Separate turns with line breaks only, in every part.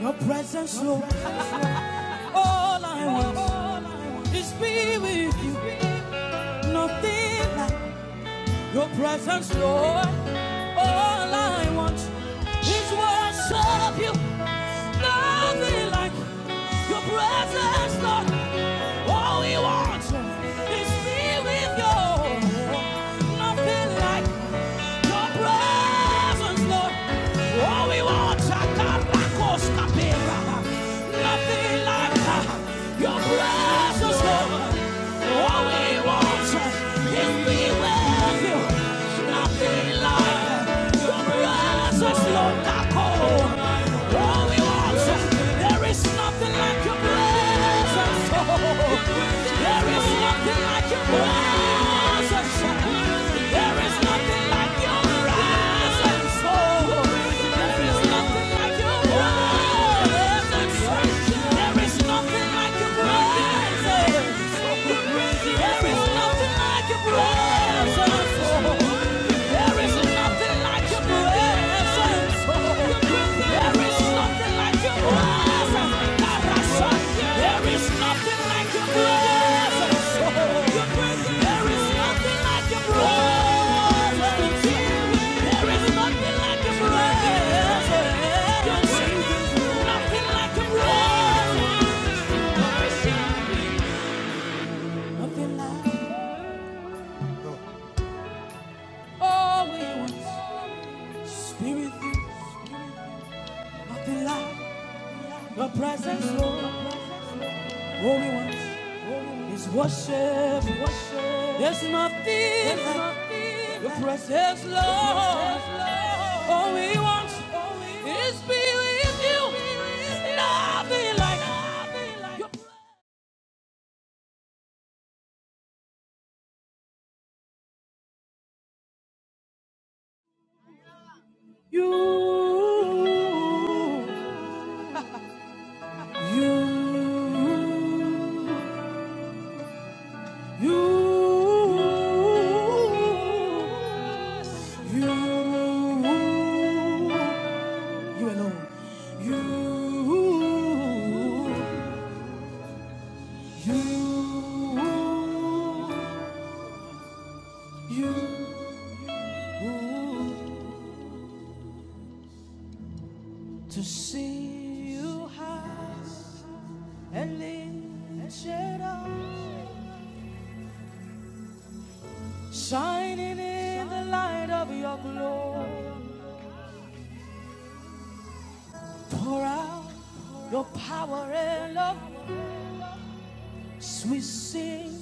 Your presence, Lord. All I want is be with you. Nothing like your presence, Lord. All I want is worship you. Nothing like your presence, Lord. All we want is be with you. Nothing like your presence, Lord. All we want is caracos Nothing like your presence, Lord. All we want is be with you. There is nothing like your presence nothing like your presence. There is nothing like your presence. There is nothing like your presence. There is nothing like your presence. There is nothing like your presence. There is nothing like your presence. like like All we want, spirit, nothing like the presence, Lord. All we want, is worship, worship. There's nothing like the presence, Lord. All we want is be with you. Nothing like your presence, you, you. You, you, you alone. You, you, you, to see you high and lifted shining in the light of your glory. Pour out your power and love We sing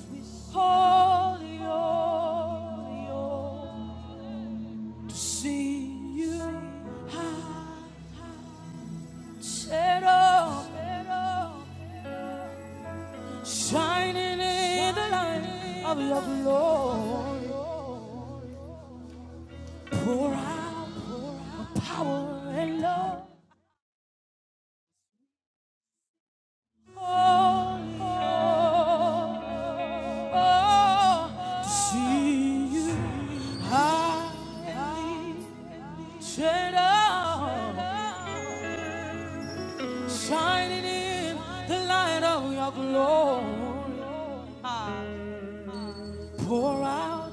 holy, holy, holy, to see you high, set up, shining in the light of your glory. Pour out, pour out power and love. Shining in the light of your glory, pour out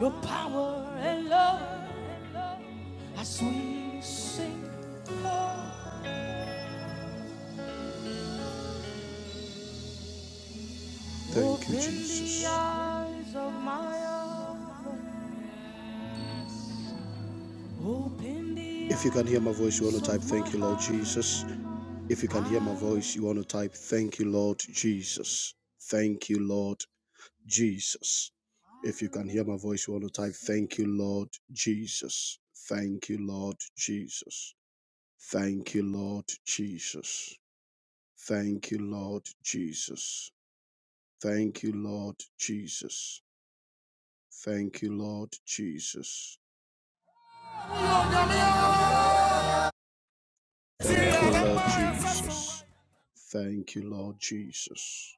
your power and love as we sing. Thank you, Jesus. Open the eyes of my heart. If you can hear my voice, you want to type, Thank you, Lord Jesus. If you can hear my voice, you want to type, Thank you, Lord Jesus. Thank you, Lord Jesus. If you can hear my voice, you want to type, Thank you, Lord Jesus. Thank you, Lord Jesus. Thank you, Lord Jesus. Thank you, Lord Jesus. Thank you, Lord Jesus. Thank you, Lord Jesus. Thank you, Lord Jesus. Thank you, Lord Jesus.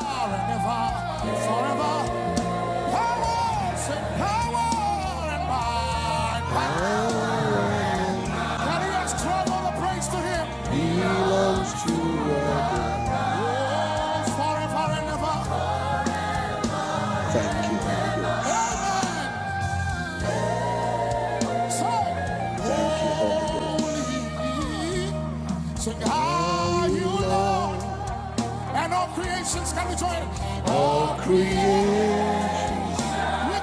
Forever Forever and and and Power and might. Can you guys clap all the praise to Him? Belongs to your God. Forever and ever. Thank you, Holy Ghost. Thank you. Sing Are high, you you Lord, and all creations can be joined. All creation.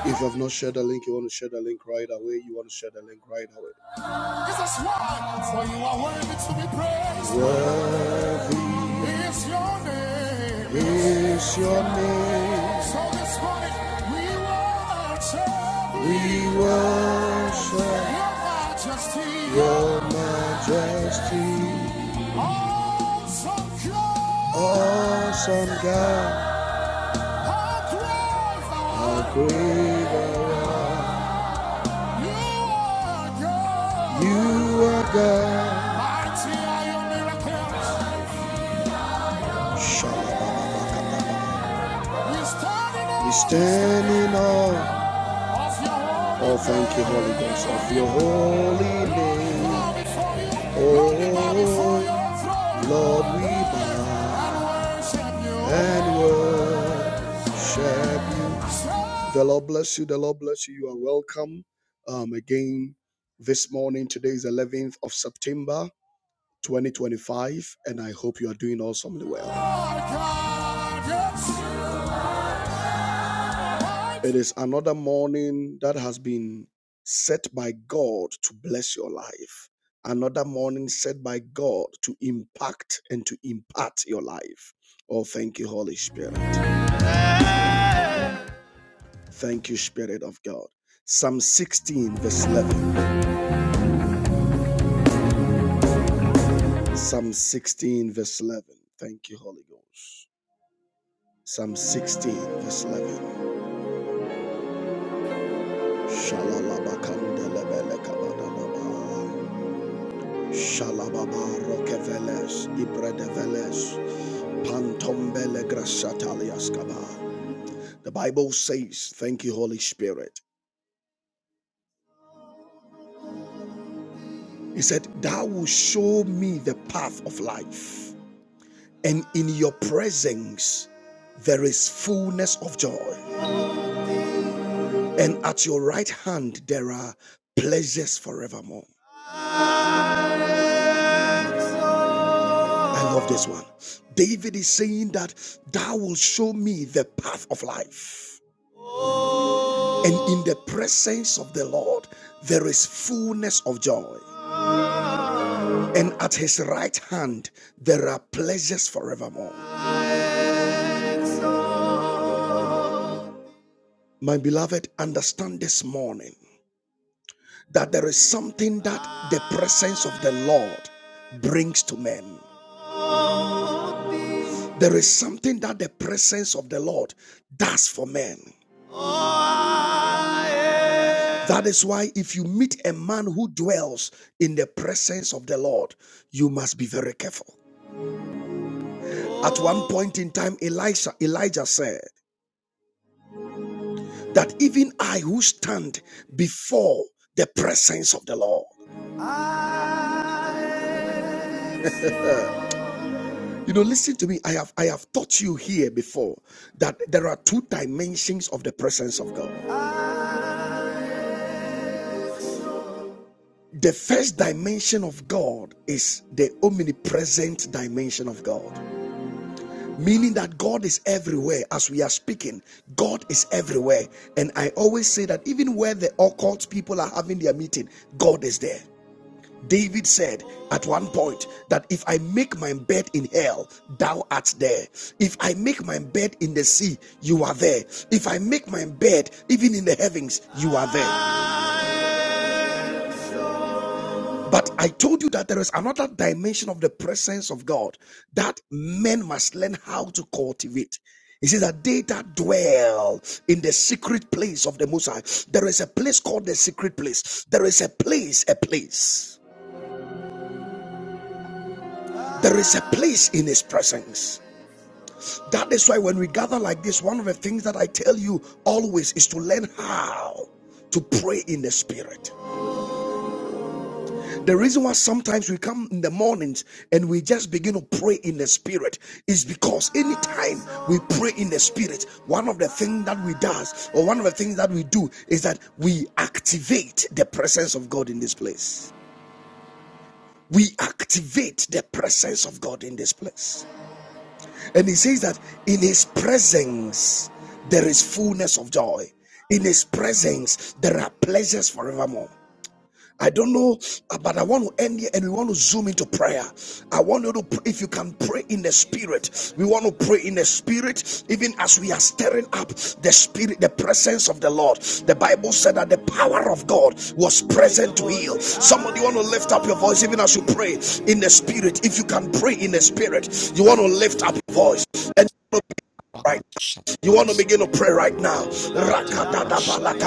If you have not shared the link, you want to share the link right away. You want to share the link right away. It's a sword. For you are worthy to be praised. Worthy is your name. is your name. So this morning we worship We worship your majesty. your majesty, Awesome God. awesome God, How great thou how great thou art. You are God. You are God. Mighty are your miracles. We stand in awe Oh, thank you, Holy Ghost, of your holy name. Oh, Lord, we bow and worship you. The Lord bless you. The Lord bless you. You are welcome um, again this morning. Today is 11th of September 2025, and I hope you are doing awesomely well. It is another morning that has been set by God to bless your life, another morning set by God to impact and to impart your life. Oh, thank you, Holy Spirit. Thank you, Spirit of God. Psalm 16, verse 11. Psalm 16, verse 11. Thank you, Holy Ghost. Psalm 16, verse 11. Shalalabakandelebelekabadadaba. Shalababa rokeveles ibredeveles pantombele grasataliaskaba. The Bible says, Thank you, Holy Spirit. He said, Thou will show me the path of life, and in your presence there is fullness of joy. and at your right hand there are pleasures forevermore. I love this one. David is saying that thou will show me the path of life. And in the presence of the Lord, there is fullness of joy. And at his right hand, there are pleasures forevermore. My beloved, understand this morning that there is something that the presence of the Lord brings to men. There is something that the presence of the Lord does for men. That is why if you meet a man who dwells in the presence of the Lord, you must be very careful. At one point in time, Elisha, Elijah said that even I who stand before the presence of the Lord. You know, listen to me. I have I have taught you here before that there are two dimensions of the presence of God. The first dimension of God is the omnipresent dimension of God. meaning that God is everywhere as we are speaking. God is everywhere. And I always say that even where the occult people are having their meeting, God is there. David said at one point that if I make my bed in hell, thou art there. If I make my bed in the sea, you are there. If I make my bed even in the heavens, you are there. But I told you that there is another dimension of the presence of God that men must learn how to cultivate. He says that they that dwell in the secret place of the Most High, there is a place called the secret place. There is a place, a place. There is a place in His presence. That is why when we gather like this, one of the things that I tell you always is to learn how to pray in the Spirit. The reason why sometimes we come in the mornings and we just begin to pray in the spirit is because anytime we pray in the spirit, one of the things that we does or one of the things that we do is that we activate the presence of God in this place. We activate the presence of God in this place. And he says that in his presence there is fullness of joy. In his presence there are pleasures forevermore. I don't know, uh, but I want to end here and we want to zoom into prayer. I want you to, if you can pray in the spirit, we want to pray in the spirit, even as we are stirring up the spirit, the presence of the Lord. The Bible said that the power of God was present to heal. Somebody want to lift up your voice, even as you pray in the spirit. If you can pray in the spirit, you want to lift up your voice and right now. you want to begin to pray right now. Rakatadabalakapa,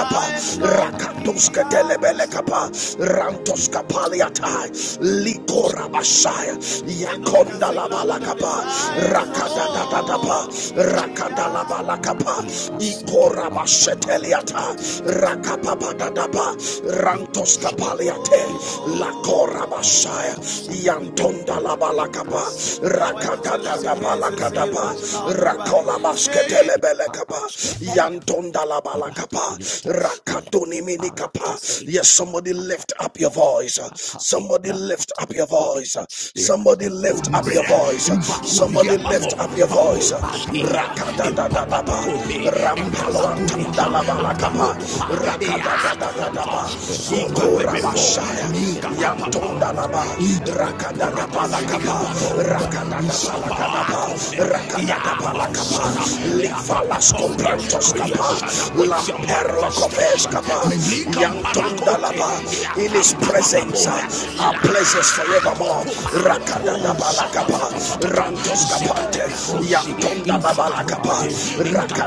rakatosketelebelekapa, rantoskapaliatai, likorabashaya, yakondalabalakapa, rakatadadadapa, rakatalabalakapa, ikorabasheteliata, rakapapadadapa, rantoskapaliate, lakorabashaya, yantondalabalakapa,
Eradicate the palacosada,
rakatadadabalakapa balakadaba
illegal,
rakola basketele belekapa
eradicated,
yantonda la balakapa
Rakapita,
rakadoni minikapa yes somebody lift up your voice somebody lift up your voice somebody lift up your voice somebody lift up your voice rakada da da da ba rampalo antanda la balakapa
La
rakada
Pumaras
da da da da ba
Aliatex, The Latin
zokora
Passata,
bashaya
the La
yantonda la
Pumaras,
ba
La
rakada da balakapa.
Tosaliatex, The Leto Tabrana Patacatiatex, the
in his presence, our pleasures forevermore.
Ilaka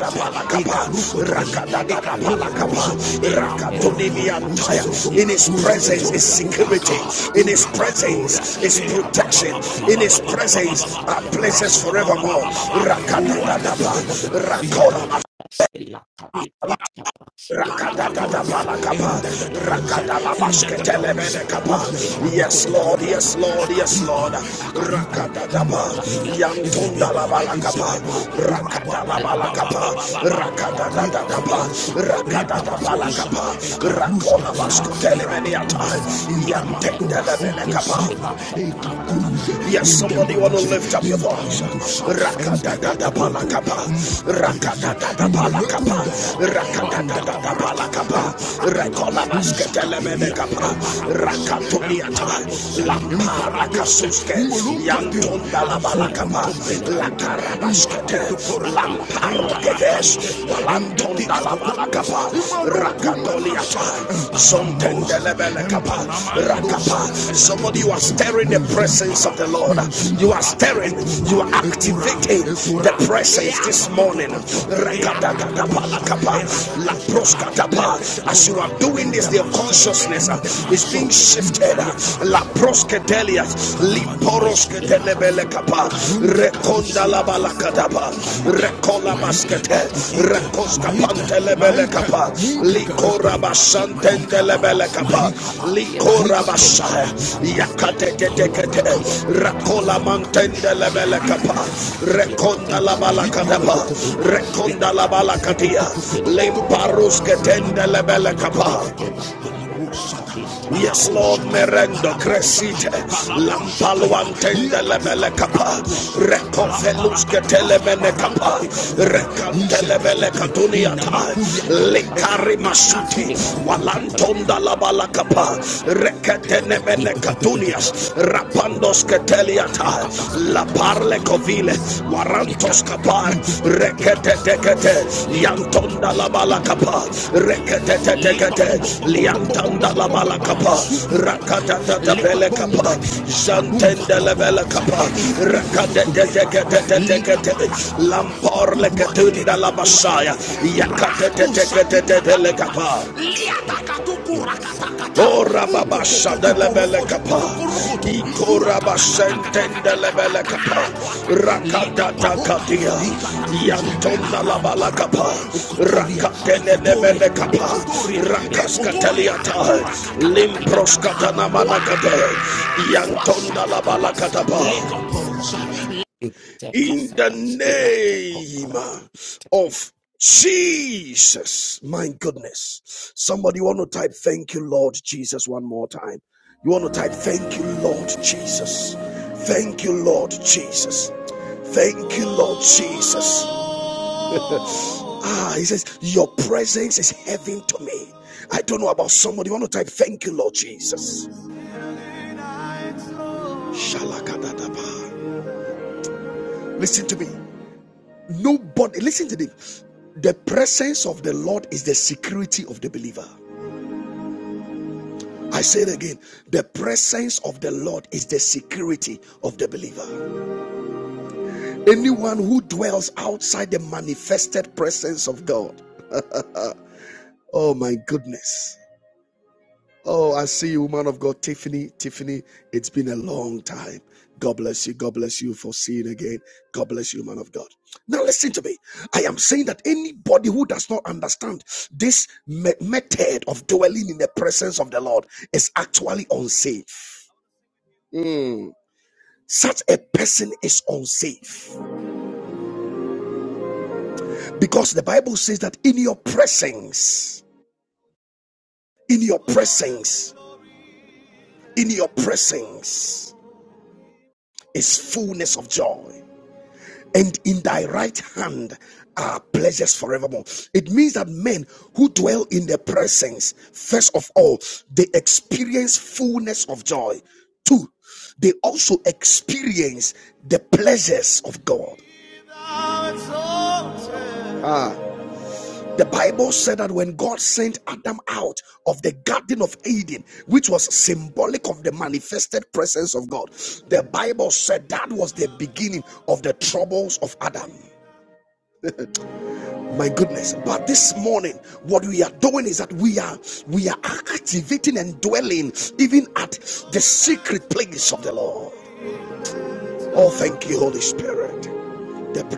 Stella Carolitax, Leco Shatax, El Cuparas
in his
Capiatas,
presence is
Eratia Casa,
safe, in his
Spipa
presence is protection,
in
in his presence, ah, yes, Lord, Lord,
Ilaka, Thank
you want to live
you. In
Antonda la balakapa, rakatoliata, zontendelebelekapa, rakapa. Somebody, you are stirring the presence of the Lord. You are stirring, you are activating the presence this morning. As you are doing this, their consciousness uh, is being shifted. La
the
proskedelia, liporoskedelia
Spirati
telebele kapa
Casutegra, Spirati
rekonda la balakadaba
Parascapo Shabapa,
rekola
Spirati
maskete
Categram,
rekoska
Paliate,
pantelebele
Spirati
kapa
Cosabapa,
likora
Spirati
basanten
Cosabapa,
telebele kapa
in Acariata,
likora
in
basha yakate
Parascatia,
tete
Lacatia,
rekola manten
Thank
telebele kapa rekonda la balakadaba rekonda la balakatia lemparus ketende lebele kapa Yes, Lord, merendo crescite, lampalo antende lebele capa, recovelus que telemene capa, recantelebele catunia tai, licari masuti, walantonda la bala capa,
you. He
recatenemene
cut a palace
catunias,
cut.
rapandos que teliata, la parle covile, warantos kapan rekete
It's
tekete yantonda la
Nakosha,
bala kapa
Ela
rekete
Tikas,
tekete
Ela
liantanda
Paratapas,
la
Ela
bala kapa
Paratapas, Ela
rakata tata bele
Kosadapas,
kapa
Ela Paliatas,
jantende
Ela
le bele kapa
Kosadapas, Ela
rakate
Kapi
tekete
Paraskapas,
tekete
Ela
lampor
Kosadapas,
lekete
Ela
da la basaya
Kotarapas, Ela
yakate
Stapas, Ela
tekete bele
Kapi
kapa
Paratas, Ela Ela Seta
O
Kotas, Ela
rababasha de kapa.
Taparaskapas, Ela Tika
Iko
Setapas, Ela
rabasentende
Kapi
lebele
Paratas,
kapa.
Ela
Rakatata
Paratas, Ela
katia.
Tika
Yantona labala kapa.
Setapas, I
Rakatene lebele kapa. Rakaskateliata. Limproskatana manakate. Yantona labala katapa in the name of Jesus. My goodness. Somebody want to type, Thank you, Lord Jesus, one more time. You want to type, Thank you, Lord Jesus. Thank you, Lord Jesus. Thank you, Lord Jesus. Ah, he says, Your presence is heaven to me. I don't know about somebody. You want to type, Thank you, Lord Jesus. Shalakadadaba. Listen to me. Nobody, listen to this. The presence of the Lord is the security of the believer. I say it again. The presence of the Lord is the security of the believer. Anyone who dwells outside the manifested presence of God, oh my goodness. Oh, I see you, woman of God, Tiffany. Tiffany, it's been a long time. God bless you. God bless you for seeing again. God bless you, man of God. Now, listen to me. I am saying that anybody who does not understand this me- method of dwelling in the presence of the Lord is actually unsafe. Mm. Such a person is unsafe because the Bible says that in your presence, in your presence, in your presence is fullness of joy. and in thy right hand are pleasures forevermore. It means that men who dwell in the presence, first of all, they experience fullness of joy. Two, they also experience the pleasures of God. Ah. The Bible said that when God sent Adam out of the Garden of Eden, which was symbolic of the manifested presence of God, the Bible said that was the beginning of the troubles of Adam. my goodness but this morning what we are doing is that we are we are activating and dwelling even at the secret place of the lord oh thank you holy spirit The-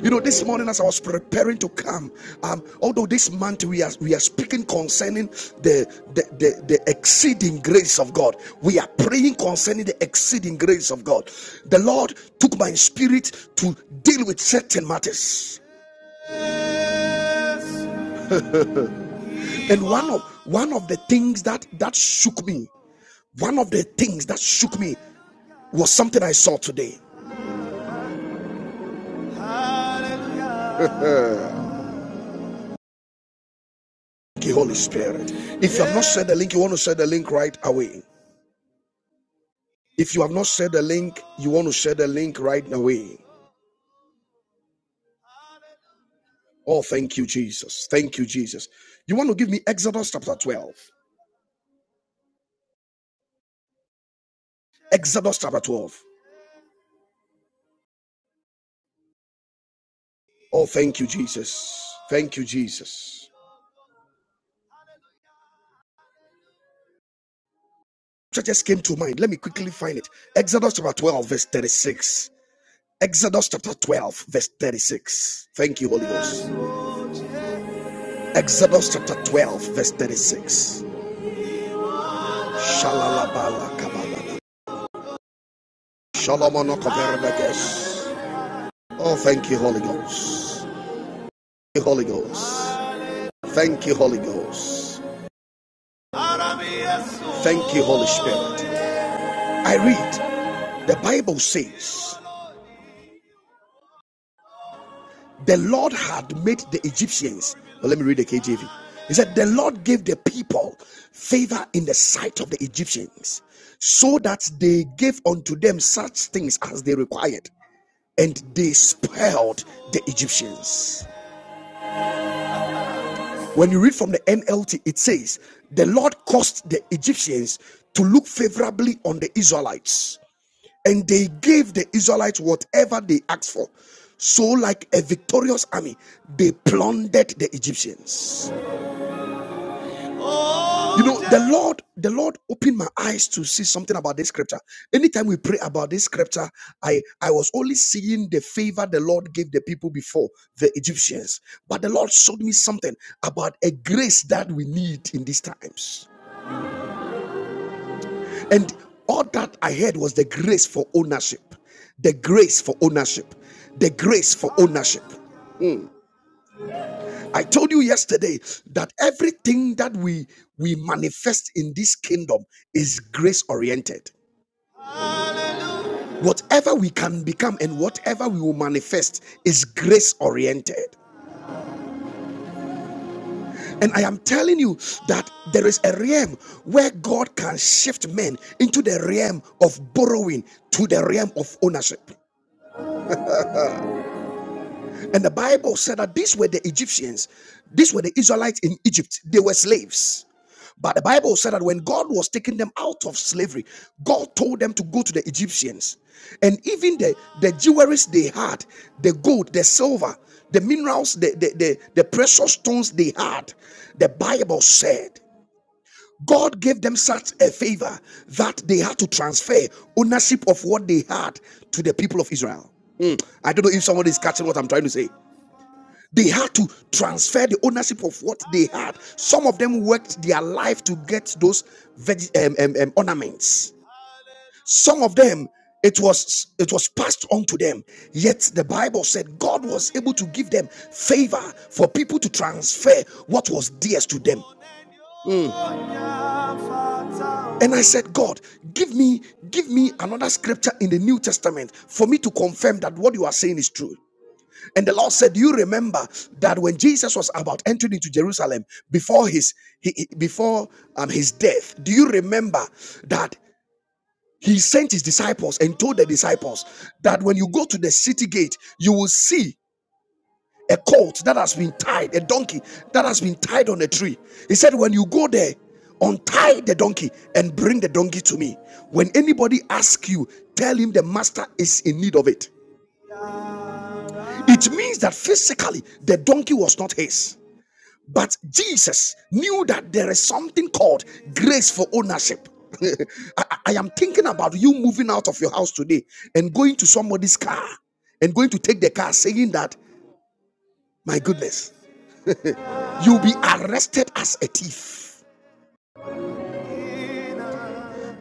you know this morning as i was preparing to come um although this month we are we are speaking concerning the the the, the exceeding grace of god we are praying concerning the exceeding grace of god the lord took my spirit to deal with certain matters And one of one of the things that that shook me, one of the things that shook me was something I saw today. Thank you, Holy Spirit. If you have not shared the link, you want to share the link right away. If you have not shared the link, you want to share the link right away. Oh, thank you, Jesus. Thank you, Jesus. You want to give me Exodus chapter 12. Exodus chapter 12. Oh, thank you, Jesus. Thank you, Jesus. just came to mind. Let me quickly find it. Exodus chapter 12, verse 36. Exodus chapter 12, verse 36. Thank you, Holy Ghost. Exodus chapter 12, verse 36. Shalalabala Shalom Oh, thank you, Holy Ghost. Thank you, Holy Ghost. Thank you, Holy Ghost. Thank you, Holy Spirit. I read, the Bible says. The Lord had made the Egyptians. Well, let me read the KJV. He said, The Lord gave the people favor in the sight of the Egyptians, so that they gave unto them such things as they required, and they spoiled the Egyptians. When you read from the NLT, it says, The Lord caused the Egyptians to look favorably on the Israelites and they gave the Israelites whatever they asked for. So, like a victorious army, they plundered the Egyptians. You know, the Lord, the Lord opened my eyes to see something about this scripture. Anytime we pray about this scripture, I, I was only seeing the favor the Lord gave the people before the Egyptians. But the Lord showed me something about a grace that we need in these times. And all that I heard was the grace for ownership. The grace for ownership. The grace for ownership. I told you yesterday that everything that we we manifest in this kingdom is grace oriented. Whatever we can become and whatever we will manifest is grace oriented. And I am telling you that there is a realm where God can shift men into the realm of borrowing to the realm of ownership. And the Bible said that these were the Egyptians, these were the Israelites in Egypt. They were slaves. But the Bible said that when God was taking them out of slavery, God told them to go to the Egyptians. And even the, the jewelry they had, the gold, the silver, the minerals, the, the, the, the precious stones they had, the Bible said God gave them such a favor that they had to transfer ownership of what they had to the people of Israel. Mm, I don't know if somebody is catching what I'm trying to say. They had to transfer the ownership of what they had. Some of them worked their life to get those veg- um, um, um, ornaments. Some of them, it was it was passed on to them. Yet the Bible said God was able to give them favor for people to transfer what was theirs to them. And I said, God, give me give me another scripture in the New Testament for me to confirm that what you are saying is true. And the Lord said, "You remember that when Jesus was about entering into Jerusalem before his he, before um, his death, do you remember that he sent his disciples and told the disciples that when you go to the city gate, you will see a colt that has been tied, a donkey that has been tied on a tree." He said, "When you go there, untie the donkey and bring the donkey to me. When anybody asks you, tell him the master is in need of it." It means that physically the donkey was not his But Jesus knew that there is something called grace for ownership. I, I am thinking about you moving out of your house today and going to somebody's car and going to take the car saying that, my goodness, you'll be arrested as a thief.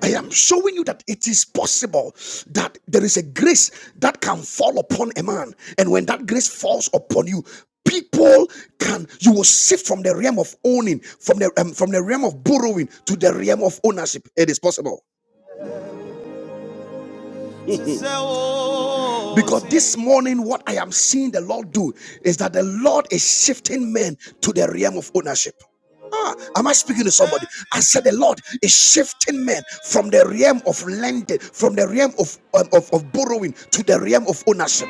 I am showing you that it is possible that there is a grace that can fall upon a man. And when that grace falls upon you, people can you will shift from the realm of owning from the um, from the realm of borrowing to the realm of ownership it is possible Because this morning, what I am seeing the Lord do is that the Lord is shifting men to the realm of ownership. Ah, am I speaking to somebody? I said the Lord is shifting men from the realm of lending, from the realm of, um, of, of borrowing to the realm of ownership.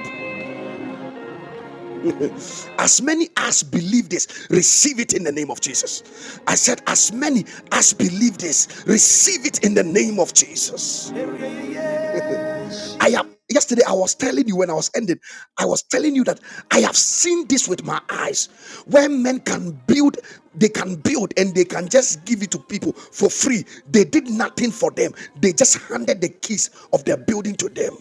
As many as believe this, receive it in the name of Jesus. I said, as many as believe this, receive it in the name of Jesus. I am yesterday. I was telling you when I was ending, I was telling you that I have seen this with my eyes where men can build, they can build and they can just give it to people for free. They did nothing for them, they just handed the keys of their building to them.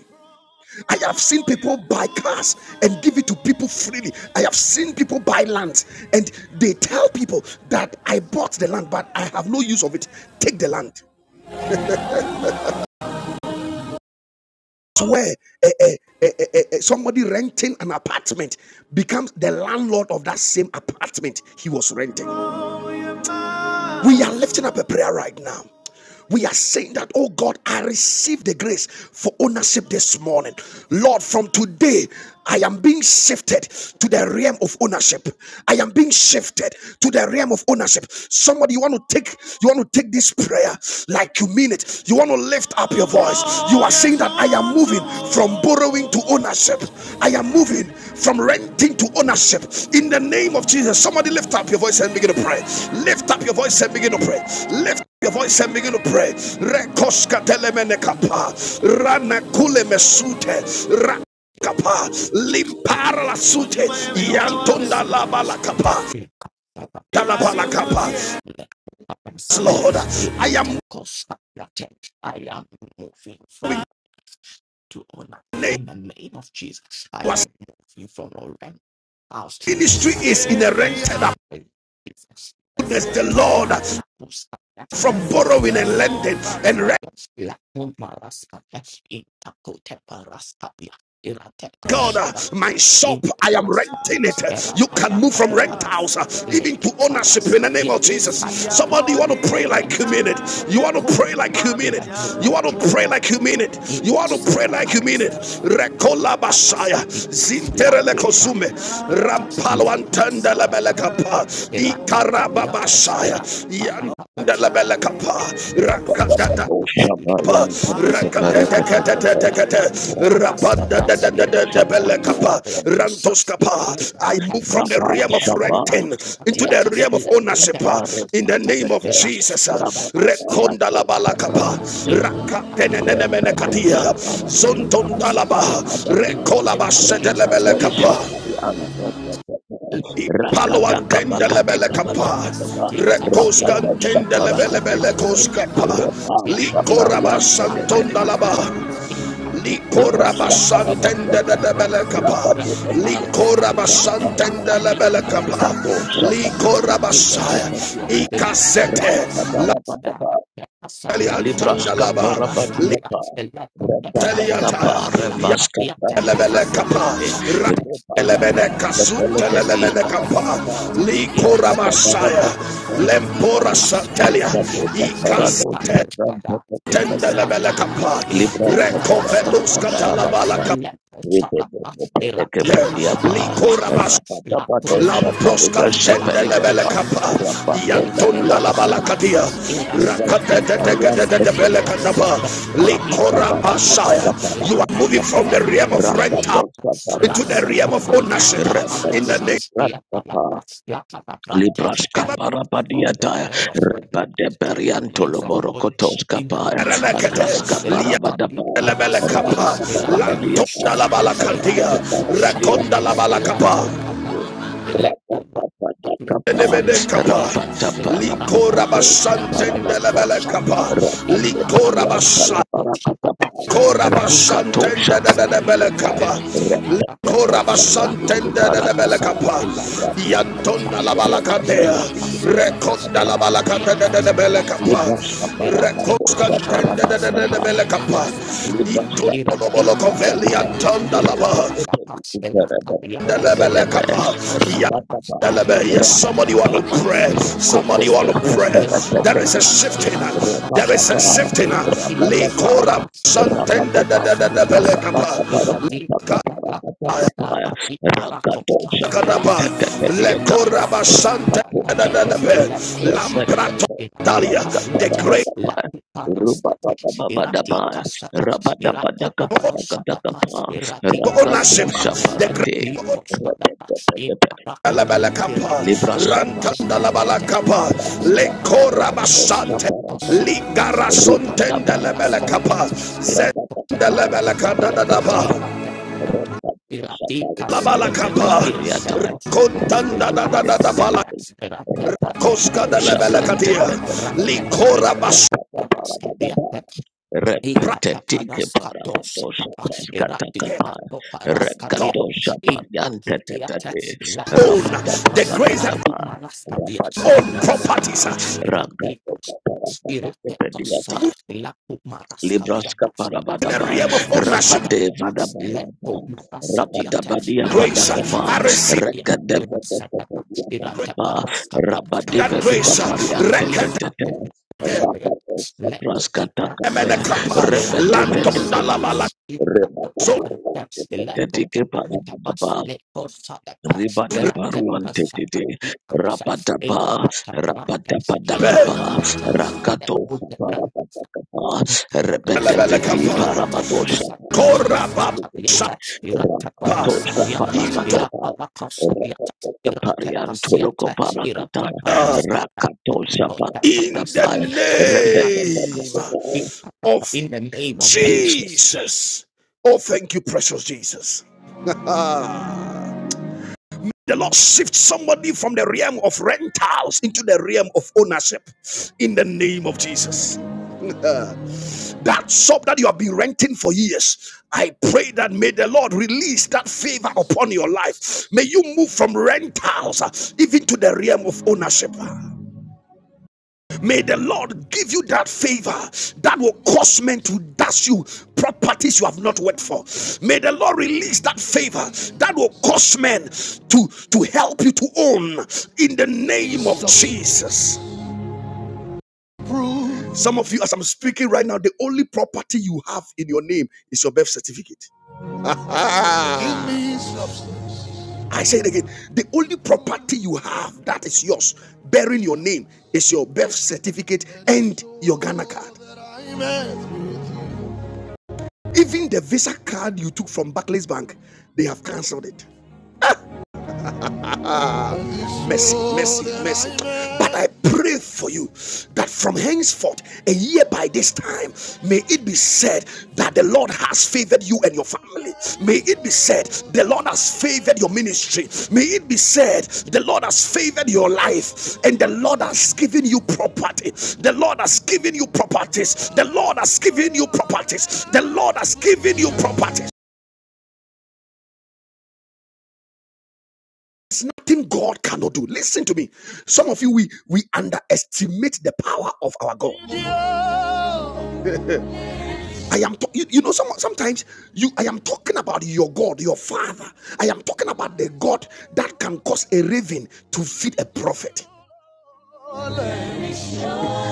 I have seen people buy cars and give it to people freely. I have seen people buy land and they tell people that I bought the land, but I have no use of it. Take the land. where eh, eh, eh, eh, eh, eh, somebody renting an apartment becomes the landlord of that same apartment he was renting. We are lifting up a prayer right now. We are saying that, oh God, I receive the grace for ownership this morning. Lord, from today, I am being shifted to the realm of ownership. I am being shifted to the realm of ownership. Somebody, you want to take, you want to take this prayer like you mean it. You want to lift up your voice. You are saying that I am moving from borrowing to ownership. I am moving from renting to ownership. In the name of Jesus, somebody lift up your voice and begin to pray. Lift up your voice and begin to pray. Lift your voice and begin to pray. Rekoska telemene kapa, rana kule mesute, rakapa, limpara la sute, yantonda lava la kapa, talaba la kapa. Yes, Lord, I am
am moving from to honor. In the name of Jesus, I
was
move you from your rent house to
ministry
my
is
own
in a
house
rented
in the name of Jesus.
abundance. The Lord from borrowing and
Lakasita
lending
parabela,
and
lakumarasata, intakoteparastabia,
God, uh,
iratekoshadabia,
my shop, I am renting
imparastadia,
it. Uh, You can move from rent
eraparakatepadia,
house uh, even to ownership in the name
lekaraskadia.
of Jesus.
I am
Somebody, you want
free
to
from
pray like
rent
you mean it.
from
You want to pray like you
in
mean
the
it.
name
You
of
want to
Jesus.
pray like you mean it.
Thank
You want to pray like you mean it. Rekola basaya, zinterele kozume, rampalo antanda lebelekapa, ikaraba basaya, yan.
Rabba
Rakata
you. La
Rakatete kete
capiatas, la
kete
parte
Rabanda de
parastatas,
de
y
de
la
de
tica
Belekapa
tapabeatas, y la
Rantoskapa.
tica
I move from the
papas, y
realm
la
of renting into the
coparastatiatas,
realm
y
of
la
ownership
punta
uh, in the
marastatas,
name of
y la
Jesus. uh.
sucapapas, la
Rekondalabalakapa.
parastatas, y la tapabiatas. I
Rakatenenenemenekatia.
Rekadosha
enter into the
Parapapa,
realms of
Zontondalaba.
the worship in the
Rabadabaya,
name of Jesus. Y la
Rakadosha
Rekolabasetelebelekapa.
tica
Pariante,
papas, y la capiatas, la
Paloantendelebelekapa.
capiatas,
Ragadagabagadegabadabadaba,
y la
Rakadosha
tica
Parapapa,
papas, y
Rekoskantendelebelebelekoskapa.
la
Rebasha
capiatas,
Pariante,
Likorabasantondalaba. Likoraba
Librasha
santende
Parabadiata,
de belekapa. Likoraba
Rabadabadikitabadabadaba,
santende de belekapa.
Rakadosha
Rapa
Likoraba
Pariante,
it has
saya.
a pastel, it
Ikasete.
has a pastel,
Rabadabadabadaba,
it has a
Lali
yashira,
antanda
Libraska
the
laba.
parastatia,
parabadiapa.
the lapo, the grata
Rabadadapa
Liteliata.
pastilla,
revaska
the
prante
Yalebele
parasta, or
kapa.
tetetete.
saviate, the lapo,
Rebadapa
Rakelebele
the
kasute
grata,
sepelegedi
the
lelebele
rata
kapa.
parabadapa.
caviate, the
Likoraba
Rabadapa
ratati,
saya.
rabadu
parastatia,
parabadapa.
the
Lempora
raspo
santelia.
Rebadoka
malviate, the
Ikasete
parado saprante
tapopada, the
tetetete.
rasta
lebele
peta,
kapa.
the
Librante
pastel. pastel.
Rekovelus
parabadia
Iraska
katalabala
parabadapa.
kapa.
Lempo Sadaka, Elati Kata
Rebedepedekepediapa.
Likoraba
Malakate,
Rabadapa dosa
Lampros
Lakumarakate,
paligra
cantende lebele
sepelegera.
Lakatusha,
capa,
Rabadapa
Rakavia,
Yantonda la
diapa.
Elaseta,
balacatia,
Libras
Elaskati
Rakatete
Arian
de
Parasat,
bele
Elaseta,
Likora
Inapavieta,
basaya. You are
Elapa.
moving from the realm of rent
Elakavieta,
into the realm
Elaseta,
of ownership in the
Alapadosha,
name
Yapalapas,
Libras
Yakalaprate, I move from the
caparabadiata,
lens of rain
repade
to the
periantolo
lens of God
borocotos
in the
capar,
of
agras
Jesus, the
of
Lapati
caparabadapa,
Liabeleka,
Parasatia, Irate
rabadabadiata,
Lantolakaya,
Koshatapas, Irati
Rakondalaba.
Koshatapas, Irati
rabadabadiata,
Katapas, Electoma. La
Elevede kapa,
caria pes, la pata
likora
maria pes, la
basantende lebele
tosha
kapa,
pes, in pata
likora basa,
rasca tosha
kora
Ei,
basantende de
paras,
de de
abia,
bele kapa,
elati, parakapas, elatu,
Korabasantende de de
parakasa,
belekapa.
elate, elata,
Yantonda la
abiatas,
balakadea.
elatas, elatas,
Rekonda la
elata,
balakade de de
abiatas,
de
elata,
belekapa.
Libra Shaparata,
elati,
Rekoskantende de de
poshakapas,
de
Shaparata,
de
elatu,
belekapa.
paras, abia
Libra
Intolo
Ela
lo
Sapaya,
bolo
pico
koveli
Rapataba,
sapapa,
yantonda la
ela
ba.
Rapataba,
papapa, ela cabria,
De le
ela
belekapa.
pico
Ya-
sapapa, ela
Yes, somebody
cabra,
want to pray.
ela
Coco,
Somebody
parasta,
want to pray.
Rapataba,
ela
There is
cabria,
a shifting.
ela paco
There is a
Rapataba,
sapapa,
shifting.
ela pica
Rapataba,
Likora
sapapa, ela
santende de
sapapa,
de de de
sapapa,
belekapa.
ela pica, ela
Rapataba,
stara di
Rakato
paracosa,
Shapran
ela
Kadaba,
pico
Tatatia,
sapapa,
Lekoraba
ela
Santa
Rapato
cabra,
Shapa,
Dadadabe,
ela cosa,
Lamprato
Rapataba,
ela
Dalia,
cabria,
the great
ela parasta,
Rubaba Baba
ela
Daba.
tica Irapadakosadapa,
Rabadabadakapadakadakapa, Rakato
ownership,
Iradikasadapa,
the great
Shaparate,
Iradikosadapa,
Rapepepepepe,
Iparakote,
Labalakapa,
Libra Shapa,
Iradikatapa,
Rantanda
Eratepa.
Labalakapa, Lekoraba
Irapadiata,
Rapadabarabado
Sante,
Shaparate,
Irakosadapa,
Ligara Sontenda
Ripadabarabadaba,
Labalakapa,
Itaparastadiata,
Zenda
Irakosadapa, Iratepa,
Rapadabarabadakaparapatapa,
Labalakadadadaba,
Iradikasadapa,
Rakato Shaparate,
Iratekosadapa,
Labalakapa,
Skatakapariata,
Kontanda Dadadabala,
Ripadabarabadakaparapatapa,
Ileparasadaps,
Koska
Irateparastadia,
Labalakatia,
Rapadabarabadakaparapatapa,
Ilakutabrantaps,
Likora Basto
Rapadabarabadakaparapatapa,
Itapoparastadiata,
Repetitiki para padosha
Ikataparaskatoshakapa,
praskata kapaya.
erapikatoparaskatia,
Rekadosha pariante
itapoteata,
tetete.
own
Rapadapa
lakasetapa,
the grace
rapadapa.
latumaraskatia,
Rapadapa
own
rapadapa.
erasatapa,
properties.
Ragadoka para
erapikos-
padosa pediata
iraketosa,
Libraska
lakumarastadiata,
in the
Parabadaba,
realm of ownership
Rabade
lakabikosarapapa,
Vadabariata,
lepomarastadiata,
Rabadabadia
grace.
Padakapa,
I receive
lakabiparastadia,
Regadeva
irasatapa,
Padakapa,
irataparastadia,
Rabade
that
Beduka
grace.
irastapepa,
Pariante
Rekatete
Tete,
intapoya,
Rabade Sapraska
Lekoti branda
Takape,
kaya
emenekapa
lirate
Rebede
lantonda
Vedeva,
aseta pas
labala
inta
Rebada
kota
zope
branda lekota branda pas
Parabadaba,
lekosa da pas
Ribadaba
lirate pasa
Ribadabaruantetete,
pati kasa
Rabadaba,
inta branda yeta
Rabadabadakaba,
lirate
Rakato,
lekota branda
Rabadakaba, Rebedevedi,
elebelekapa
Parabadosha,
koraba shapa
Rakato,
intonda
Parabadaba, Pariantoloco Paracata, Rakato,
in the
Rabadaba,
name
Rebedevedi,
of
in the name of Jesus.
Jesus. Oh, thank you, precious Jesus. The Lord shifts somebody from the realm of rentals into the realm of ownership in the name of Jesus. that shop that you have been renting for years i pray that may the lord release that favor upon your life may you move from rentals uh, even to the realm of ownership may the lord give you that favor that will cause men to dash you properties you have not worked for may the lord release that favor that will cause men to to help you to own in the name of jesus some of you, as I'm speaking right now, the only property you have in your name is your birth certificate. I say it again. The only property you have that is yours, bearing your name, is your birth certificate and your Ghana card. Even the Visa card you took from Barclays Bank, they have cancelled it. mercy, mercy, mercy. But I pray for you that from henceforth, a year by this time, may it be said that the Lord has favored you and your family. May it be said the Lord has favored your ministry. May it be said the Lord has favored your life and the Lord has given you property. The Lord has given you properties. The Lord has given you properties. The Lord has given you properties. There's nothing God cannot do. Listen to me. Some of you, we we underestimate the power of our God. I am, ta- you, you know, some, sometimes you, I am talking about your God, your Father. I am talking about the God that can cause a raven to feed a prophet.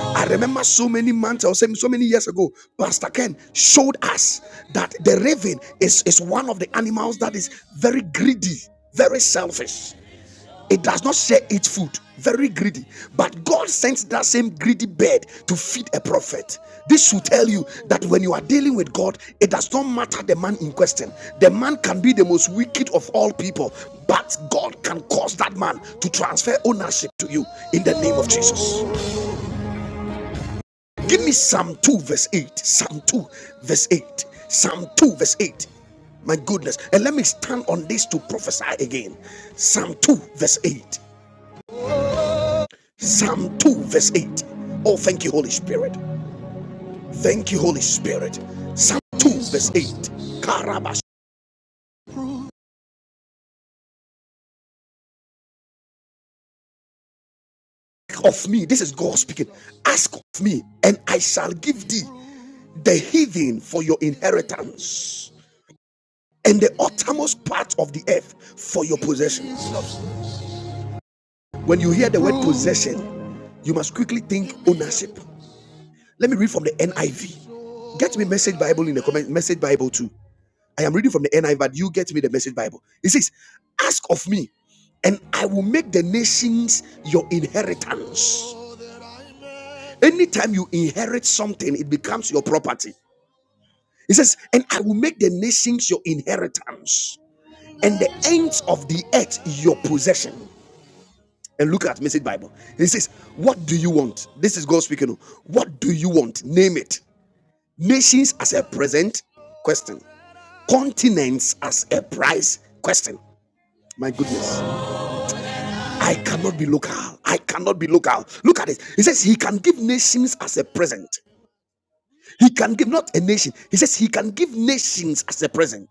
I remember so many months or so so many years ago, Pastor Ken showed us that the raven is, is one of the animals that is very greedy, very selfish. It does not share its food. Very greedy. But God sends that same greedy bird to feed a prophet. This should tell you that when you are dealing with God, it does not matter the man in question. The man can be the most wicked of all people, but God can cause that man to transfer ownership to you in the name of Jesus. Give me Psalm 2, verse 8. Psalm 2, verse 8. Psalm 2, verse 8. My goodness. And let me stand on this to prophesy again. Psalm 2, verse 8. Psalm 2, verse 8. Oh, thank you, Holy Spirit. Thank you, Holy Spirit. Psalm 2, verse 8. Karabash. Of me, this is God speaking. Ask of me, and I shall give thee the heathen for your inheritance, and the uttermost part of the earth for your possession. When you hear the word possession, you must quickly think ownership. Let me read from the NIV. Get me message Bible in the comment, message Bible too. I am reading from the NIV, but you get me the message Bible. It says, Ask of me, and I will make the nations your inheritance. Anytime you inherit something, it becomes your property. It says, And I will make the nations your inheritance, and the ends of the earth your possession. And look at message Bible. It says, What do you want? This is God speaking. oh. What do you want? Name it. Nations as a present question. Continents as a price question. My goodness. I cannot be local. I cannot be local. Look at this. He says he can give nations as a present. He can give not a nation. He says he can give nations as a present.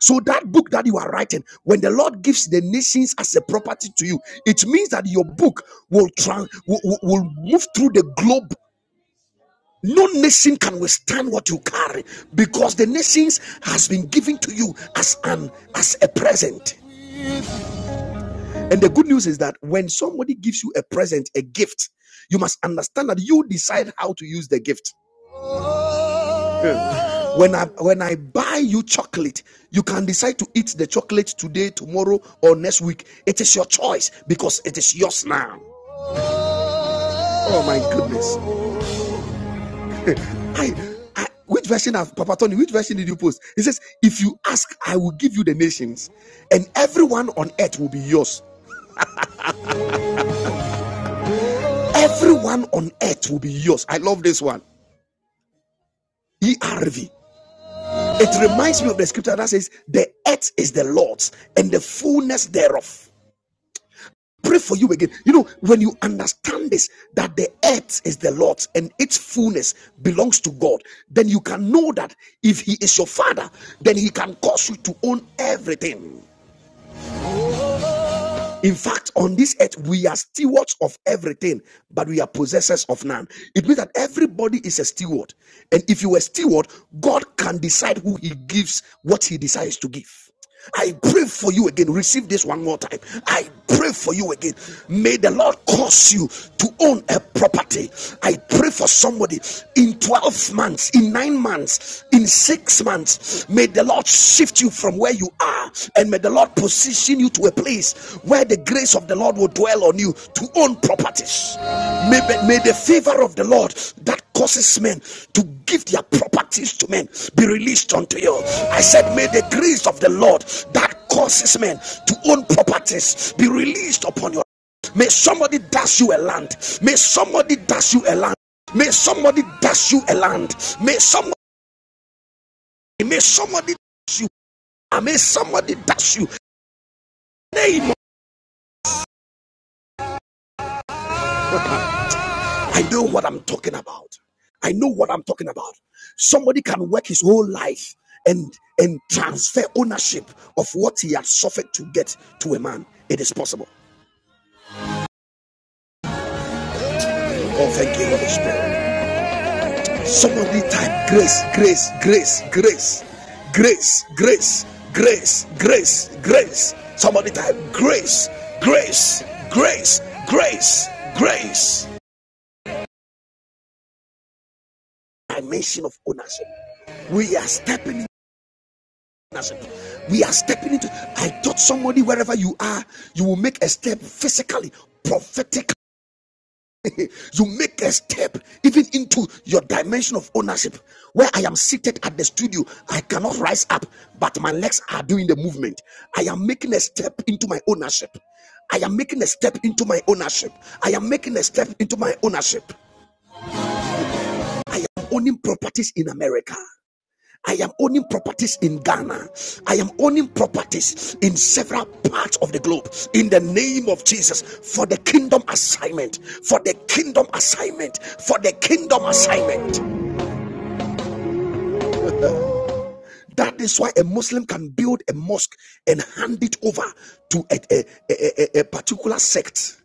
So that book that you are writing, when the Lord gives the nations as a property to you, it means that your book will trans will, will will move through the globe. No nation can withstand what you carry because the nations has been given to you as an as a present. And the good news is that when somebody gives you a present, a gift, you must understand that you decide how to use the gift. When I when I buy you chocolate, you can decide to eat the chocolate today, tomorrow, or next week. It is your choice because it is yours now. Oh my goodness. I, I which version of Papa Tony, which version did you post? He says, if you ask, I will give you the nations, and everyone on earth will be yours. Everyone on earth will be yours. I love this one. ERV. It reminds me of the scripture that says, The earth is the Lord's and the fullness thereof. Pray for you again. You know, when you understand this, that the earth is the Lord's and its fullness belongs to God, then you can know that if He is your Father, then He can cause you to own everything. In fact, on this earth, we are stewards of everything, but we are possessors of none. It means that everybody is a steward. And if you are a steward, God can decide who He gives what He decides to give. I pray for you again. Receive this one more time. I pray for you again. May the Lord cause you to own a property. I pray for somebody in 12 months, in nine months, in six months. May the Lord shift you from where you are and may the lord position you to a place where the grace of the lord will dwell on you to own properties may, may the favor of the lord that causes men to give their properties to men be released unto you i said may the grace of the lord that causes men to own properties be released upon you may somebody dash you a land may somebody dash you a land may somebody dash you a land may somebody may somebody dash you may somebody dash you name. I know what I'm talking about. I know what I'm talking about. Somebody can work his whole life and and transfer ownership of what he has suffered to get to a man. It is possible. Oh, thank you, Holy Spirit. Somebody type grace, grace, grace, grace, grace, grace, grace, grace, grace. Somebody type grace, grace, grace, grace, grace. Dimension of ownership. We are stepping We are stepping into. I thought somebody, wherever you are, you will make a step physically, prophetically. you make a step even into your dimension of ownership. Where I am seated at the studio, I cannot rise up, but my legs are doing the movement. I am making a step into my ownership. I am making a step into my ownership. I am making a step into my ownership. I am owning properties in America. I am owning properties in Ghana. I am owning properties in several parts of the globe in the name of Jesus for the kingdom assignment. For the kingdom assignment. For the kingdom assignment. That is why a Muslim can build a mosque and hand it over to a, a, a, a a particular sect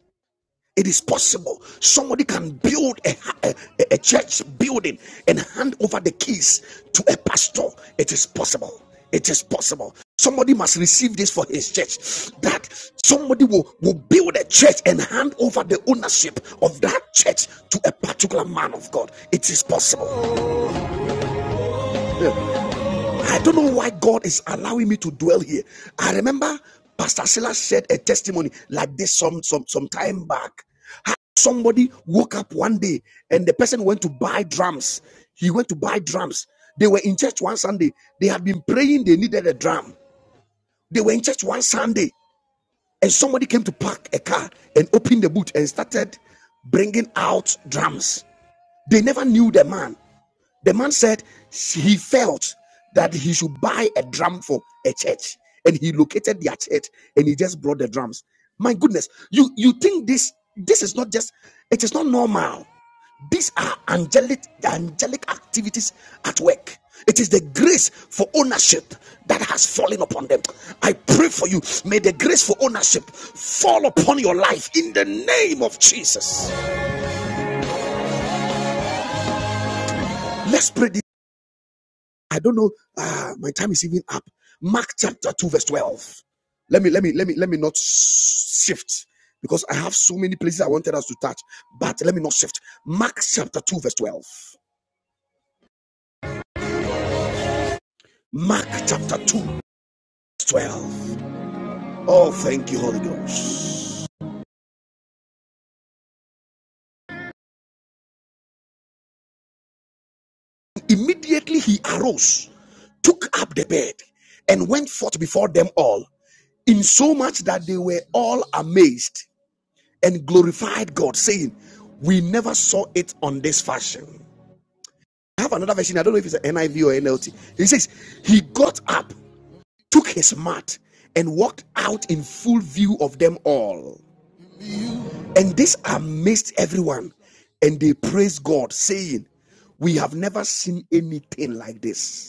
It is possible. Somebody can build a, a, a church building and hand over the keys to a pastor. It is possible. It is possible. Somebody must receive this for his church. That somebody will, will build a church and hand over the ownership of that church to a particular man of God. It is possible. Yeah. I don't know why God is allowing me to dwell here. I remember Pastor Silas shared a testimony like this some some some time back. Somebody woke up one day and the person went to buy drums. He went to buy drums. They were in church one Sunday. They had been praying. They needed a drum. They were in church one Sunday, and somebody came to park a car and opened the boot and started bringing out drums. They never knew the man. The man said he felt that he should buy a drum for a church, and he located their church, and he just brought the drums. My goodness, you you think this this is not just it is not normal. These are angelic angelic activities at work. It is the grace for ownership that has fallen upon them. I pray for you. May the grace for ownership fall upon your life in the name of Jesus. Let's pray this. I don't know. Ah, my time is even up. Mark chapter 2, verse 12. Let me, let me, let me, let me not shift because I have so many places I wanted us to touch, but let me not shift. Mark chapter 2, verse 12. Mark chapter 2, verse 12. Oh, thank you, Holy Ghost. Immediately he arose, took up the bed, and went forth before them all, in so much that they were all amazed and glorified God, saying, We never saw it on this fashion. I have another version. I don't know if it's an NIV or NLT. He says, He got up, took his mat, and walked out in full view of them all. And this amazed everyone. And they praised God, saying, We have never seen anything like this.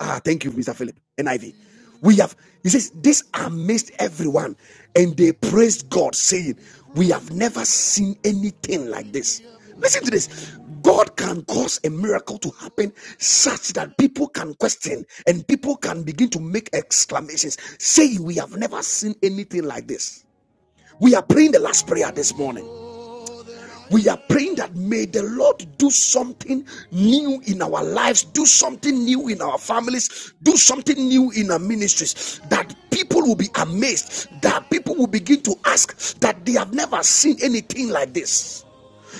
Ah, thank you, Mr. Philip. NIV. We have, he says, this amazed everyone, and they praised God, saying, We have never seen anything like this. Listen to this. God can cause a miracle to happen such that people can question and people can begin to make exclamations, saying, We have never seen anything like this. We are praying the last prayer this morning. We are praying that may the Lord do something new in our lives, do something new in our families, do something new in our ministries, that people will be amazed, that people will begin to ask that they have never seen anything like this.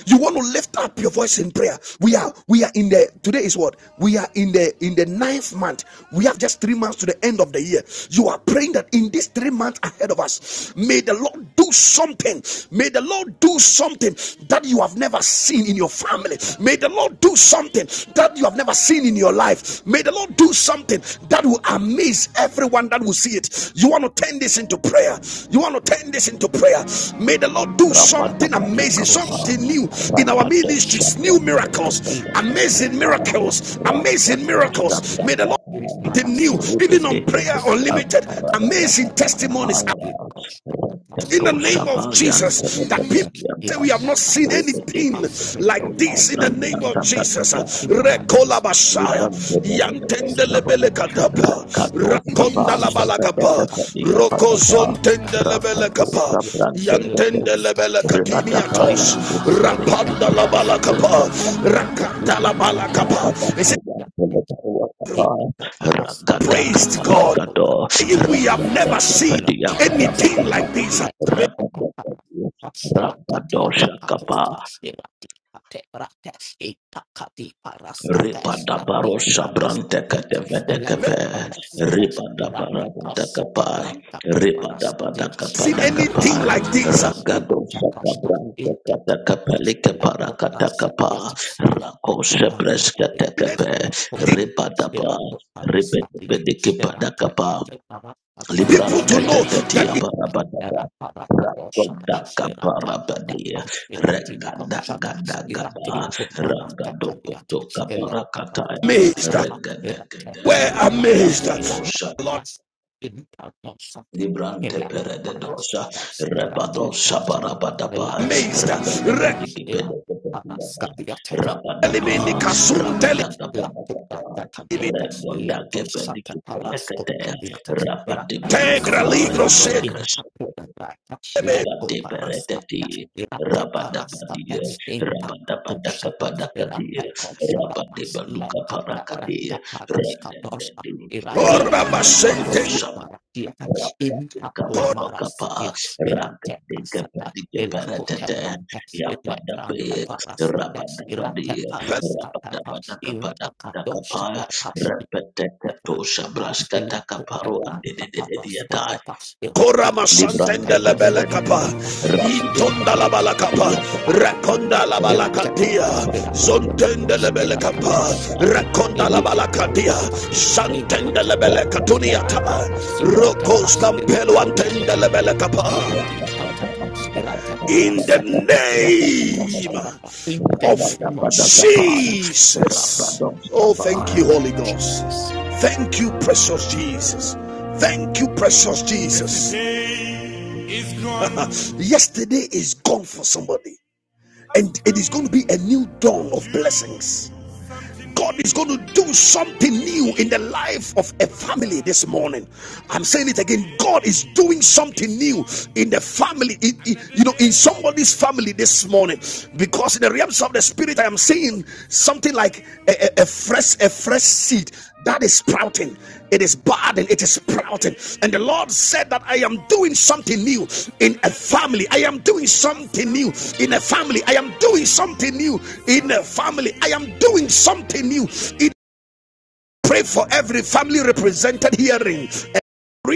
You want to lift up your voice in prayer. We are we are in the today is what we are in the in the ninth month. We have just three months to the end of the year. You are praying that in these three months ahead of us, may the Lord do something. May the Lord do something that you have never seen in your family. May the Lord do something that you have never seen in your life. May the Lord do something that will amaze everyone that will see it. You want to turn this into prayer. You want to turn this into prayer. May the Lord do
Rapado
la
something amazing,
iko
something
shaka
new
la
in
la
our
iko
ministries,
shaka la
new
la
miracles,
iko
amazing
shaka la la la
miracles,
la
amazing
shaka la
miracles.
la
May the Lord
it is
do
not a
something new,
stop
even on Prayer
but it
Unlimited.
a katia
Amazing
the
testimonies,
baraka iko shaka la
in the
la
name of
baras
Jesus that
ya
people
the
Say
ira
we have
the
not seen
baras
anything
pass me the
like
I
this in the
do
name of
everything
Jesus.
things in my life
Rekola
in the
Bashaya.
in
Librante
the in
de
the in the
Rodo
in the
Saba,
Yantendelebele
in
kadaba.
Rakato
the in the
Saba,
Rakondalabala
Saba
in the
de
in the
Papadia
Yes,
Patapa,
Rokozontendelebele
Rakato
kaba.
Sabrante Pepe,
Yantendelebele
Rebata
katiniatos.
Parian de Bebe,
Rapandalabala
Rakato
kaba.
Sabrante Pepe, Rabata
They say,
Parian de Lepaua
he
Papa,
caparas sapio
Rakata
praised
chasla
God.
cobra
Caparakato,
We have
salia
Rakate
never seen
Papadia
rapi posta
anything
Parapatapa,
like this.
letra
Rapate
caparas chasla
Rakato
katia chakakos
Sakapa,
chasla ti,
Ripada baro shabrante kete vede kepe. Ripada bara vede kepai. Ripada bada
Seen
kepada
anything
kepai.
like this
Ragado shakabrante kete
Intakapa,
kepeli
the
kepara
laptop, the
kete
laptop,
kepa.
the laptop,
Rako
the
sepres kete
laptop,
seen
kepe.
Lapo branta,
Ripada ba.
spirato
Ribet
parastatia,
bedi kepada
serate
kepa.
cate parastatiate,
people
Libran
to know
liaco
that
Librantatatia
it's
pepamante,
barabadaba.
era parata dosa, spirate patepa,
Ragodakaparabadia.
spirati consata, spirati
Regadagadagadaba.
tumarata caliate, ele
Ragadokotokaparakataya.
amazed.
parastata, spirate
Regadagada.
We're
comprate,
amazed.
spirate
Lord,
parasta, interdosate,
Librante
Ilaco
perededosha,
parasita, spirati
rebadosha
consata, la
barabadaba,
amazed.
patebrante, spirati
rebedebedikipedekepedaba,
parastatiate,
rabadaba,
Rekelimini kasunteli
rabadagabadagaba, rebodakepedikipelekete,
integra
rabadibodukapa
ligro se
rendolekreshe, rabadiberedeti, rabadabadie, rabadabadakapadakadie, rabadibodukapa rakadie,
let
rendendedi,
Irati
ora masente
katamarasu
rabadabarosha
maratia
Raka tiga
intapo
paro kapa,
marasadia
raka
irate
tiga
kasata
padi kepara
elako
tete,
tebrante
ya pada be,
elekrante
raba
parasate
daba
irate
dia, raba
paraskate pa
daba daka pada daka
intakadon
pa,
shate pa
repete keto sabras kata
ilako
kaparo ande de
tebrante
de de dia, tai,
paraskate pa
Kora
irati
libran
kasate
masantende
pa
tepe
la
ebe
bela
tepe,
capa,
intakate pa
raba daba
irate
intonda la
raka
bala capa,
paria kata dia
raconda la bala
raba
irate irate
cadia,
daba paru kata
zontende
dia
la
irate irate
bela
kata
capa,
irate in
raconda la
the
bala cadia, santende la bela catuniata,
Rabba
rocos campelo antende la bela capa.
Rabadabadabada,
in the name
Rabadabadabada,
of
name of Jesus.
Jesus. Oh,
Rabadabadabada,
thank
Thank
you, Holy
you,
Ghost.
Jesus.
Thank you, precious Jesus. Thank you, precious Jesus. Yesterday is gone for somebody, and it is going to be a new dawn of blessings. God is going to do something new in the life of a family this morning. I'm saying it again. God is doing something new in the family, in- in- you know, in somebody's family this morning. Because in the realms of the spirit, I am seeing something like a, a, a fresh, a fresh seed that is sprouting. It is bad and it is sprouting. And the Lord said that I am doing something new in a family. I am doing something new in a family. I am doing something new in a family. I am doing something new in Pray for every family represented hearing.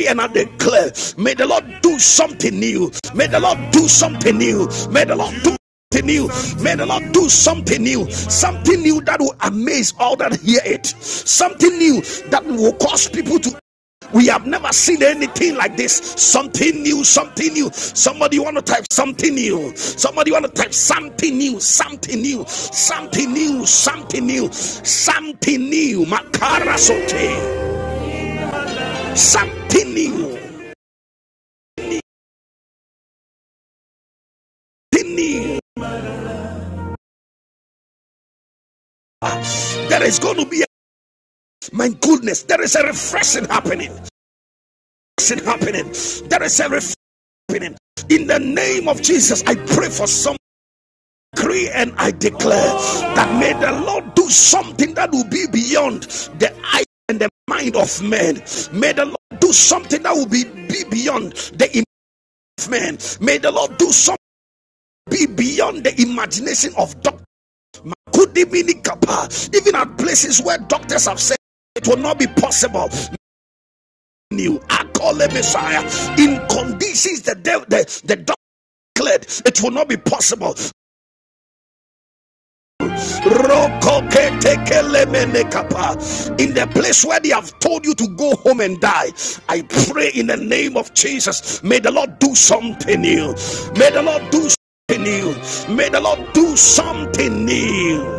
And I declare, may the Lord do something new. May the Lord do something new. May the Lord do something new. May the Lord do something new. Something new that will amaze all that hear it. Something new that will cause people to we have never seen anything like this. Something new, something new. Somebody want to type something new. Somebody want to type something new, something new, something new, something new, something new. Makara sote. Something new. Something new. There is going to be a, my goodness. There is a refreshing happening. Refreshing happening. There is a refreshing happening. In the name of Jesus, I pray for some. decree and I declare that may the Lord do something that will be beyond the eye and the mind of man. May the Lord do something that will be, be beyond the image of man. May the Lord do something be beyond the imagination of doctors. Could they be even at places where doctors have said it will not be possible. New, I call a Messiah in conditions that they, the the declared it will not be possible. Rokoketekelemenekapa. In the place where they have told you to go home and die, I pray in the name of Jesus, may the Lord do something new. May the Lord do something new. May the Lord do something new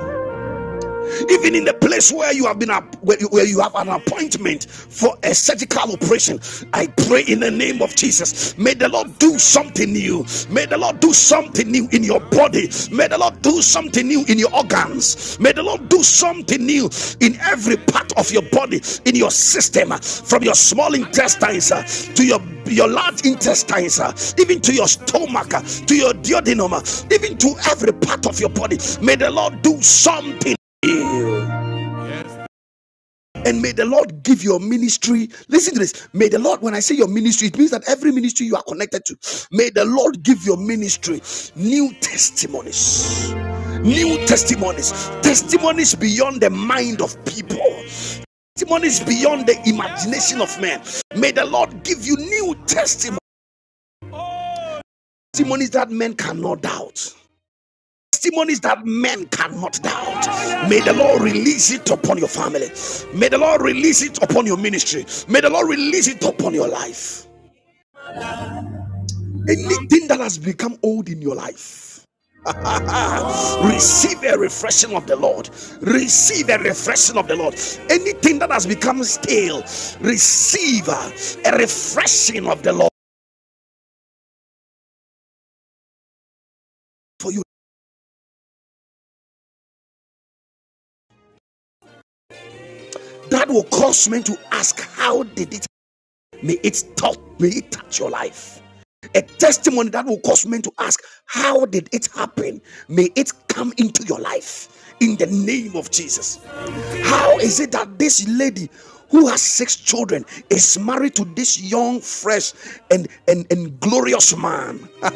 even in the place where you have been where you have an appointment for a surgical operation i pray in the name of jesus may the lord do something new may the lord do something new in your body may the lord do something new in your organs may the lord do something new in every part of your body in your system from your small intestines uh, to your your large intestines, uh, even to your stomach, uh, to your duodenum, uh, even to every part of your body. May the Lord do something ill. And may the Lord give your ministry. Listen to this. May the Lord, when I say your ministry, it means that every ministry you are connected to, may the Lord give your ministry new testimonies. New testimonies. Testimonies beyond the mind of people. Testimonies beyond the imagination of man. May the Lord give you new testimonies. Testimonies that men cannot doubt. testimonies that men cannot doubt. May the Lord release it upon your family. May the Lord release it upon your ministry. May the Lord release it upon your life. Anything that has become old in your life. receive a refreshing of the Lord. Receive a refreshing of the Lord. Anything that has become stale, receive uh, a refreshing of the Lord for you. That will cause men to ask, How did it? May it stop. May it touch your life. a testimony that will cause men to ask, How did it happen? May it come into your life in the name of Jesus. How is it that this lady who has six children is married to this young, fresh, and, and, and glorious man?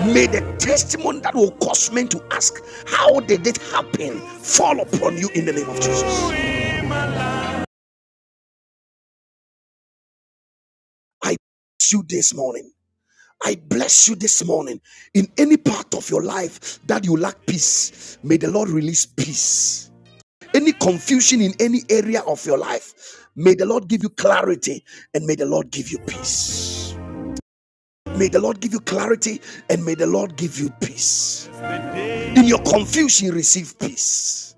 May the testimony that will cause men to ask, How did it happen? fall upon you in the name of Jesus. I bless you this morning. I bless you this morning in any part of your life that you lack peace. May the Lord release peace. Any confusion in any area of your life, may the Lord give you clarity and may the Lord give you peace. May the Lord give you clarity and may the Lord give you peace. In your confusion, receive peace.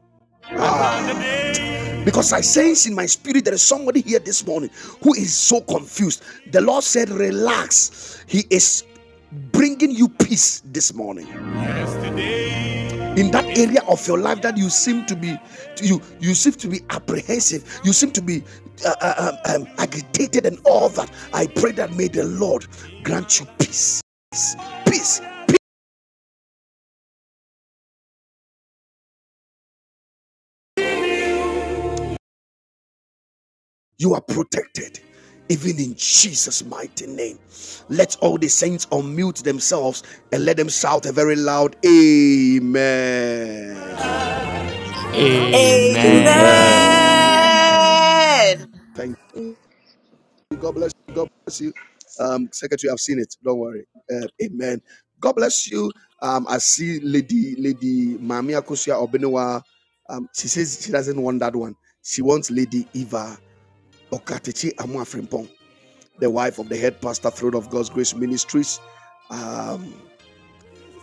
Because I sense in my spirit there is somebody here this morning who is so confused. The Lord said, Relax. He is bringing you peace this morning. in that area of your life that you seem to be you you seem to be apprehensive you seem to be uh, uh, um, um, agitated and all that i pray that may the lord grant you peace peace you are protected even in jesus mighty name let all the saints unmute themselves and let them shout a very loud amen
Thank
Amen.
Amen.
you.
Amen.
Amen.
Amen.
you. Um, secretary, I've seen it. Don't worry. Uh, amen. God bless you. Um, I see Lady Lady Mami Akosia Obenewa. Um, she says she doesn't want that one. She wants Lady Eva Okatechi Amwafrimpong, the wife of the head pastor, Throne of God's Grace Ministries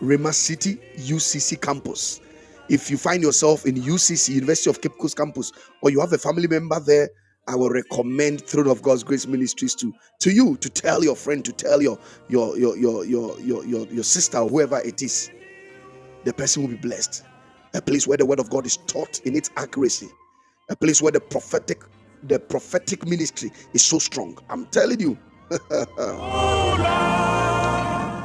Rema City UCC campus. If you find yourself in UCC, University of Cape Coast campus, or you have a family member there, I will recommend Throne of God's Grace Ministries to to you to tell your friend, to tell your your your your your your your, your sister, or whoever it is. The person will be blessed. A place where the word of God is taught in its accuracy. A place where the prophetic the prophetic ministry is so strong. I'm telling you,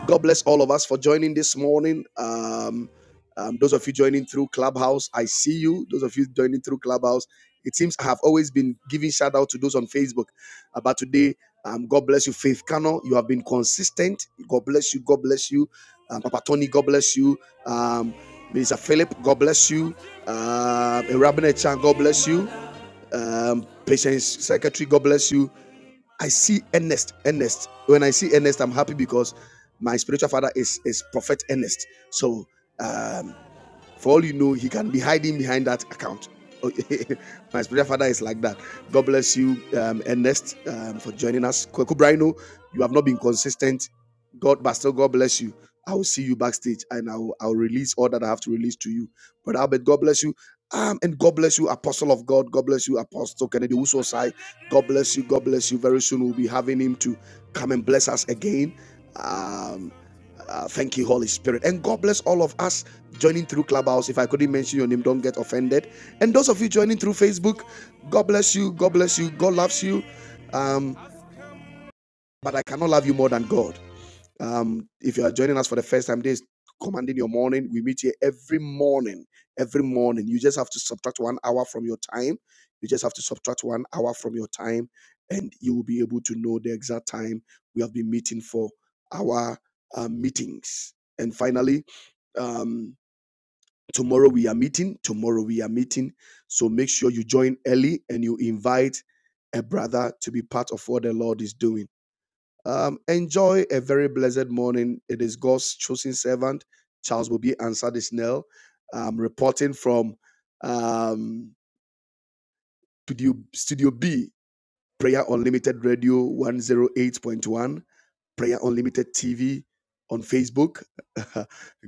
God bless all of us for joining this morning. Um, um, those of you joining through Clubhouse, I see you. Those of you joining through Clubhouse, it seems I have always been giving shout out to those on Facebook. Uh, But today, um, God bless you, Faith Cano. You have been consistent. God bless you. God bless you. Um, Papa Tony, God bless you. Um, Minister Philip, God bless you. Um, Chan. God bless you. Um, Patience Secretary, God bless you. I see Ernest, Ernest. When I see Ernest, I'm happy because my spiritual father is is Prophet Ernest. So for all you know, he can be hiding behind that account. Okay. my spiritual father is like that. God bless you, um, Ernest, um, for joining us. Kweku Brino, you have not been consistent. God, but still, God bless you. I will see you backstage and I will, I'll release all that I have to release to you. Brother Albert, God bless you. Um, and God bless you, Apostle of God. God bless you, Apostle Kennedy Usosai. God bless you. God bless you. Very soon we'll be having him to come and bless us again. Um, uh, thank you, Holy Spirit. And God bless all of us joining through Clubhouse. If I couldn't mention your name, don't get offended. And those of you joining through Facebook, God bless you. God bless you. God loves you. Um, but I cannot love you more than God. Um, if you are joining us for the first time, this is commanding your morning. We meet here every morning. Every morning, you just have to subtract one hour from your time. You just have to subtract one hour from your time, and you will be able to know the exact time we have been meeting for our uh, meetings. And finally, um, tomorrow we are meeting. Tomorrow we are meeting. So make sure you join early and you invite a brother to be part of what the Lord is doing. Um, enjoy a very blessed morning. It is God's chosen servant, Charles will be answered this Um, reporting from um, Studio, Studio B, Prayer Unlimited Radio 108.1, Prayer Unlimited TV on Facebook.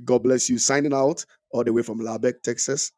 God bless you. Signing out all the way from Lubbock, Texas.